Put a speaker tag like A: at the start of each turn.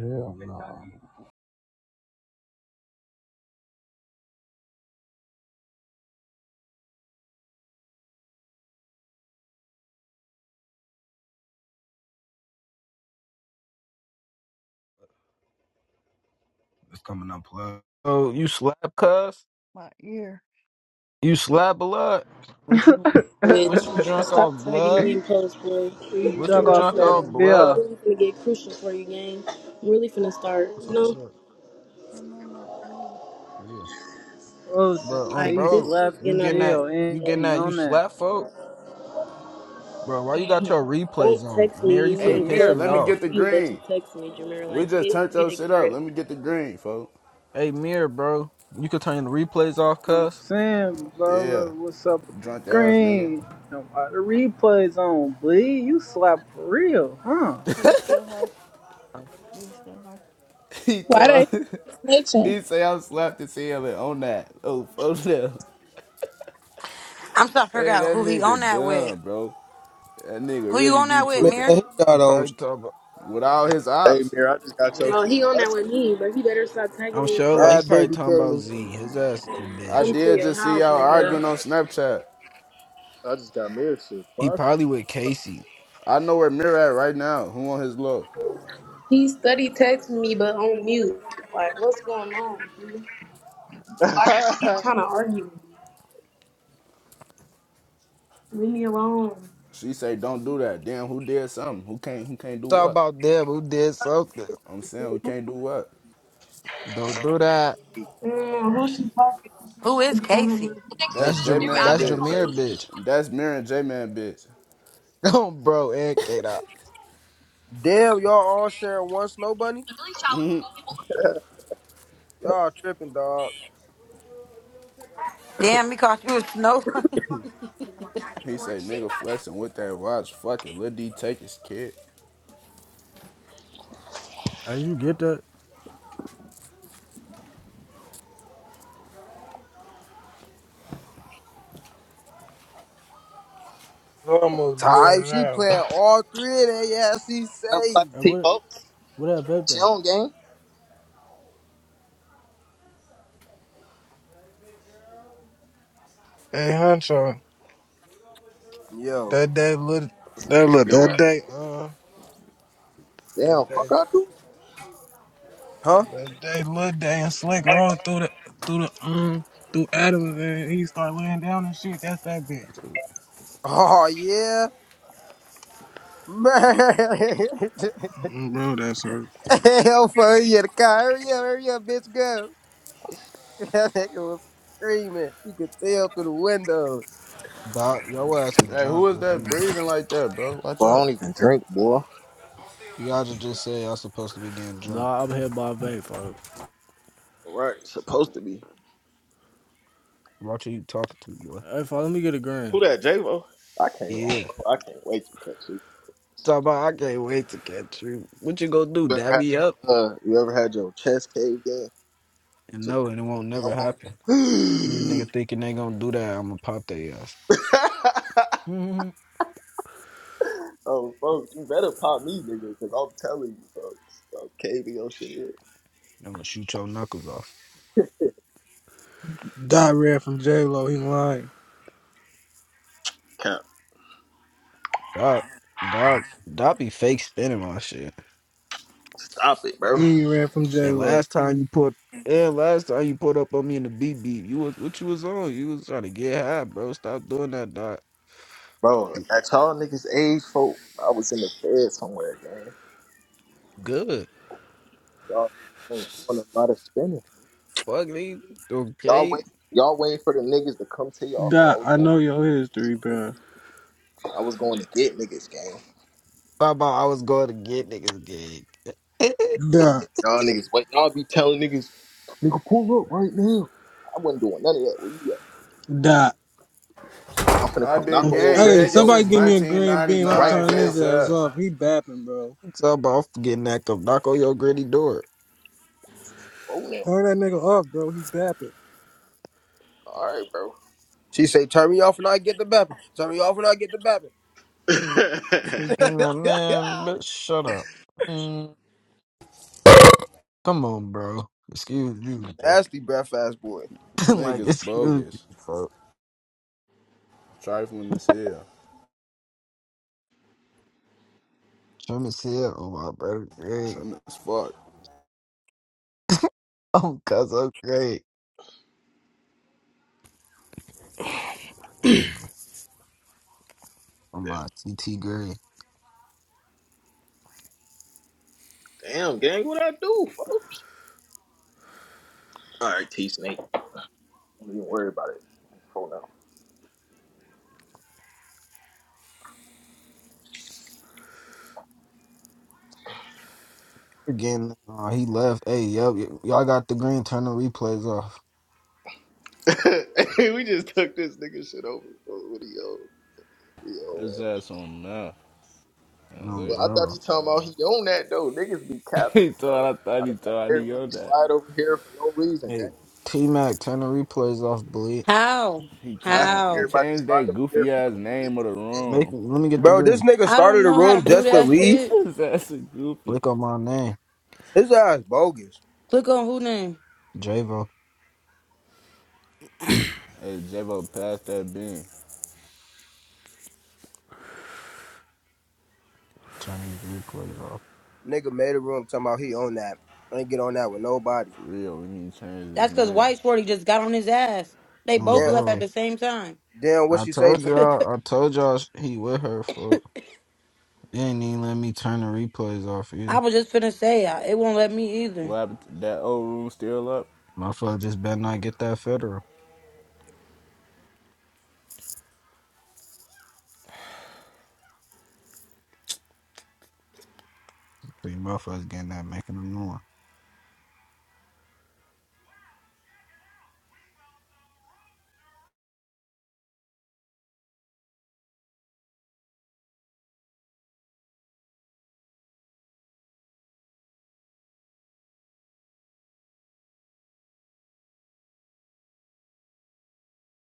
A: Yeah. no.
B: It's coming up plug. Oh, you slap cuss? My ear. You slap blood? What you
C: with.
B: what you drunk off
C: Stop tagging
B: blood?
C: me in post, boy.
D: He
B: What
C: For
B: you
D: drunk
C: real,
D: off
B: drunk
C: for
B: Look,
D: that
B: off
C: real. Like, it's
B: blood?
D: beer.
C: really gonna get crucial for you, gang. I'm really finna start,
B: The
C: you
B: fuck is
C: know?
B: blood? I'm on my ear. Yeah.
D: Wilson,
B: But um
C: Like,
D: he
C: this
B: bro,
C: shit's
D: slapped
B: you
C: getting
D: his
C: out
B: getting
C: of
B: that
D: heel
C: hand,
D: and
B: you
C: bro.
B: getting
D: he
B: that you
D: on that.
B: slap folk? Bro, why you got your replays
C: Don't
B: on?
C: text
B: Mirror, you
C: me. You
E: Hey,
B: finna
C: in
B: piss
E: Mirror,
B: me
E: let me
C: Clubhouse
E: get
B: off.
C: on
E: the
C: mute, but you
E: green.
C: text me, Jameer. Like,
E: We just turned
C: get get
E: your
C: a
E: shit up. Let me
C: grip.
E: get the green, folks.
B: Hey Mirror, bro. You could turn the replays off,
D: I'm
B: cuss.
D: saying,
E: Yeah.
D: brother, what's up with the
E: Drunk ass nigga.
D: green? Now, why the replays on, bleed? You slap for real, huh?
B: Do you still her? Do you still her?
E: he
F: Why
E: told
F: they snitching?
E: he say I'm slapped his ceiling on that. Oh, oh no.
G: I'm trying to figure
E: Hey,
G: out
E: that
G: who he
E: nigga
G: on that with.
E: dumb, bro. That nigga
G: Who you
E: really
G: on
E: be
G: that with,
H: Man,
E: tweaking.
G: Mir?
H: he
B: He
H: got on.
B: probably talking about
E: With all his
I: Hey,
E: ops.
I: Mir, I just got your.
C: Bro, he on
I: I
C: that with me, but he better stop tagging
B: I'm
C: me in
B: sure like he
H: Ah,
C: post.
B: probably
H: baby K.
B: talking about Z. His ass is a
E: I
B: bitch.
C: Come to
E: did
C: your
E: just see
C: house,
E: y'all arguing on
C: nigga.
E: Snapchat.
I: I just got Mir's shit.
B: He
I: Fuck.
B: probably with Casey.
E: I know where Mirror at right now. Who on his low?
C: He study texting me, but on mute. Like, what's going on, dude?
I: Mary, These
C: Why do you keep trying to argue with me? Leave me alone.
E: She say don't do that. Damn, who did something? Who can't who can't do
B: Talk
E: what?
B: about them who did
C: Fuck
B: something.
C: Casey,
E: I'm saying who
C: too.
E: can't do what?
B: Don't do that.
C: Mm, who's the topic?
G: Who is Casey?
B: That's
E: That's J
B: Jam-
E: Man
I: niggas
B: that's
I: been going
E: bitch.
B: Jameer,
I: crazy.
B: bitch.
E: That's mirroring J Man bitch.
B: do bro, and K Dot.
H: Damn, y'all all sharing one snow bunny?
I: really childhood People.
H: Y'all tripping, dog.
G: Damn, he caught you a snow.
E: He say nigga flexing with that watch. Fuck it, Lil D take his kid.
J: Hey, you get that?
K: I was almost blew her
H: Ty, she
K: now.
H: playing all three of that. Yeah, she
I: What up,
H: say.
I: Clapper
J: Hey,
I: T,
J: what?
I: folks?
J: What that
I: She
J: vape at?
I: on game.
K: Hey, Huncho,
H: Yo,
K: that day, little, that look, that day, uh,
I: Damn,
K: that
I: fuck
K: day,
I: I do.
H: huh?
K: that day, little day, and Slick rolled through the, through the, um, through Adams, and he started laying down and shit. That's that bitch.
H: Oh yeah, man.
K: Mm, Bro, that's her.
H: Hell for you, the car. Hurry up, hurry up, bitch, go. That nigga was screaming. You could tell through the windows.
B: Doc, your ass is
E: Hey, who
B: drunk.
E: is
B: If
E: that
B: you
E: breathing like that, bro? Watch
I: Bro, I don't
E: out.
I: even drink, boy.
B: y'all should just say y'all supposed to be getting drunk.
J: Nah, I'm here by vape, folks.
I: Right. Supposed to be.
B: Watch who you talking to, boy.
J: Hey, folks, let me get a
I: Who
J: grand.
I: that, J-Lo? I can't. Oh,
B: Yeah.
I: bro, I can't wait to catch you.
B: Talk about I can't wait to catch you. What you gonna do?
I: You ever
B: Dab
I: had
B: me
I: your
B: up?
I: uh? You ever had your chest caved in?
B: And
I: To-
B: no, and it won't never
I: no more.
B: happen. Any nigga thinking they gonna do that, I'm gonna pop their ass.
I: oh, folks, you better pop me, nigga, because I'm telling you, folks. I'm caving your shit.
B: I'm gonna shoot your knuckles off.
K: Dot ran from J Lo. He lying.
I: in.
B: Doc, Doc, Doc be fake spinning my shit.
I: Stop it, bro.
K: He ran from J
B: And
K: Lo.
B: last time you put and last time you put up on me in the BB, you was what you was on? You was trying to get high, bro. Stop doing that, dog.
I: Bro, at y'all niggas age, folk, I was in the fed somewhere, gang.
B: Good.
I: Y'all niggas ain't doing a lot of spending.
B: Fuck me.
I: Y'all
B: Okay.
I: wait, y'all waiting for the niggas to come to y'all. For I
K: Dot,
I: was
K: I know your history,
I: going,
K: bro.
I: I was going to get niggas, gang.
B: Talk about I was going to get niggas gig.
K: Dot,
I: Y'all niggas wait. Y'all be telling niggas, nigga, pull up right now. I wasn't doing none of that. Where you at?
K: dot.
I: I'm finna
E: i
I: come
E: been
I: knock on your
E: gang
K: Hey,
I: granny
E: banging
I: door
K: somebody
E: since
K: give me a green beam. I'm
I: right
E: 1999,
K: turning
I: now.
K: his
E: face
K: ass
E: ass.
K: off. He bapping, bro.
B: Talk about getting that come knock on your gritty door.
I: Bro, now.
K: Turn that nigga off, bro. He bapping.
I: All right, bro.
H: She say, "Turn me off and I get the bapping. Turn me off and I get the bapping."
B: You think that man, bitch, shut up. Mm, come on, bro. Excuse you, bro.
H: Nasty breath, ass boy.
B: like
E: Niggas
B: excuse
E: bogus.
B: you, fuck.
E: Trifling this here.
B: Trim is here. Oh my brother, great.
E: trim as fuck.
B: Oh, cuz I'm great. Oh
I: Yeah.
B: my CT great.
I: Damn, gang, what I do, folks? All right, T Snake. Don't even worry about it. Hold on.
B: Again, uh, he left. Hey, yo, y- y'all got the green. Turn the replays off.
I: we just took this nigga shit over. bro. What he own? He own
E: His
I: that.
E: ass on now and
B: No,
I: Well, I thought
E: later.
I: he
B: bro.
I: talking about he own that though. Niggas be
E: he
I: capping, bro.
E: thought I thought
I: I
E: he
I: done had
E: thought he
I: everybody
E: owned that.
I: slide over here for no reason, gang.
B: Hey, T Mac, turn the replays off. Bleed.
G: How?
E: He
I: I had
E: told him and
G: How?
I: everybody
E: changed
I: slide
E: that
I: over here
E: goofy
I: for
E: ass
I: no reason.
E: name of the
B: Make.
E: room.
B: Let me get the
H: Bro, this
B: green.
H: nigga
G: I don't
H: started a
G: know how to
H: room
G: do
H: just to
G: that
H: leave.
G: shit.
E: His ass is goofy.
B: Click on my name,
H: His ass bogus.
G: Click on who name.
B: Javo.
E: Hey, J-Bo, pass that bean.
B: Turn the replays off.
H: Nigga made a room talking about he own that. I ain't get on that with nobody.
E: For real, we need to change his
G: That's because
E: name.
G: White Shorty just got on his ass. They
B: No,
G: both
H: Damn,
G: left at
B: bro.
G: the same time.
H: damn what
B: I
H: she say
B: told
H: to
B: y'all. I told y'all sh- he with her for. They ain't even let me turn the replays off either.
G: I was just finna say, I- it won't let me either.
E: What happened? that old room still up?
B: Motherfucker just better not get that federal. See, motherfuckers getting that, making a noise.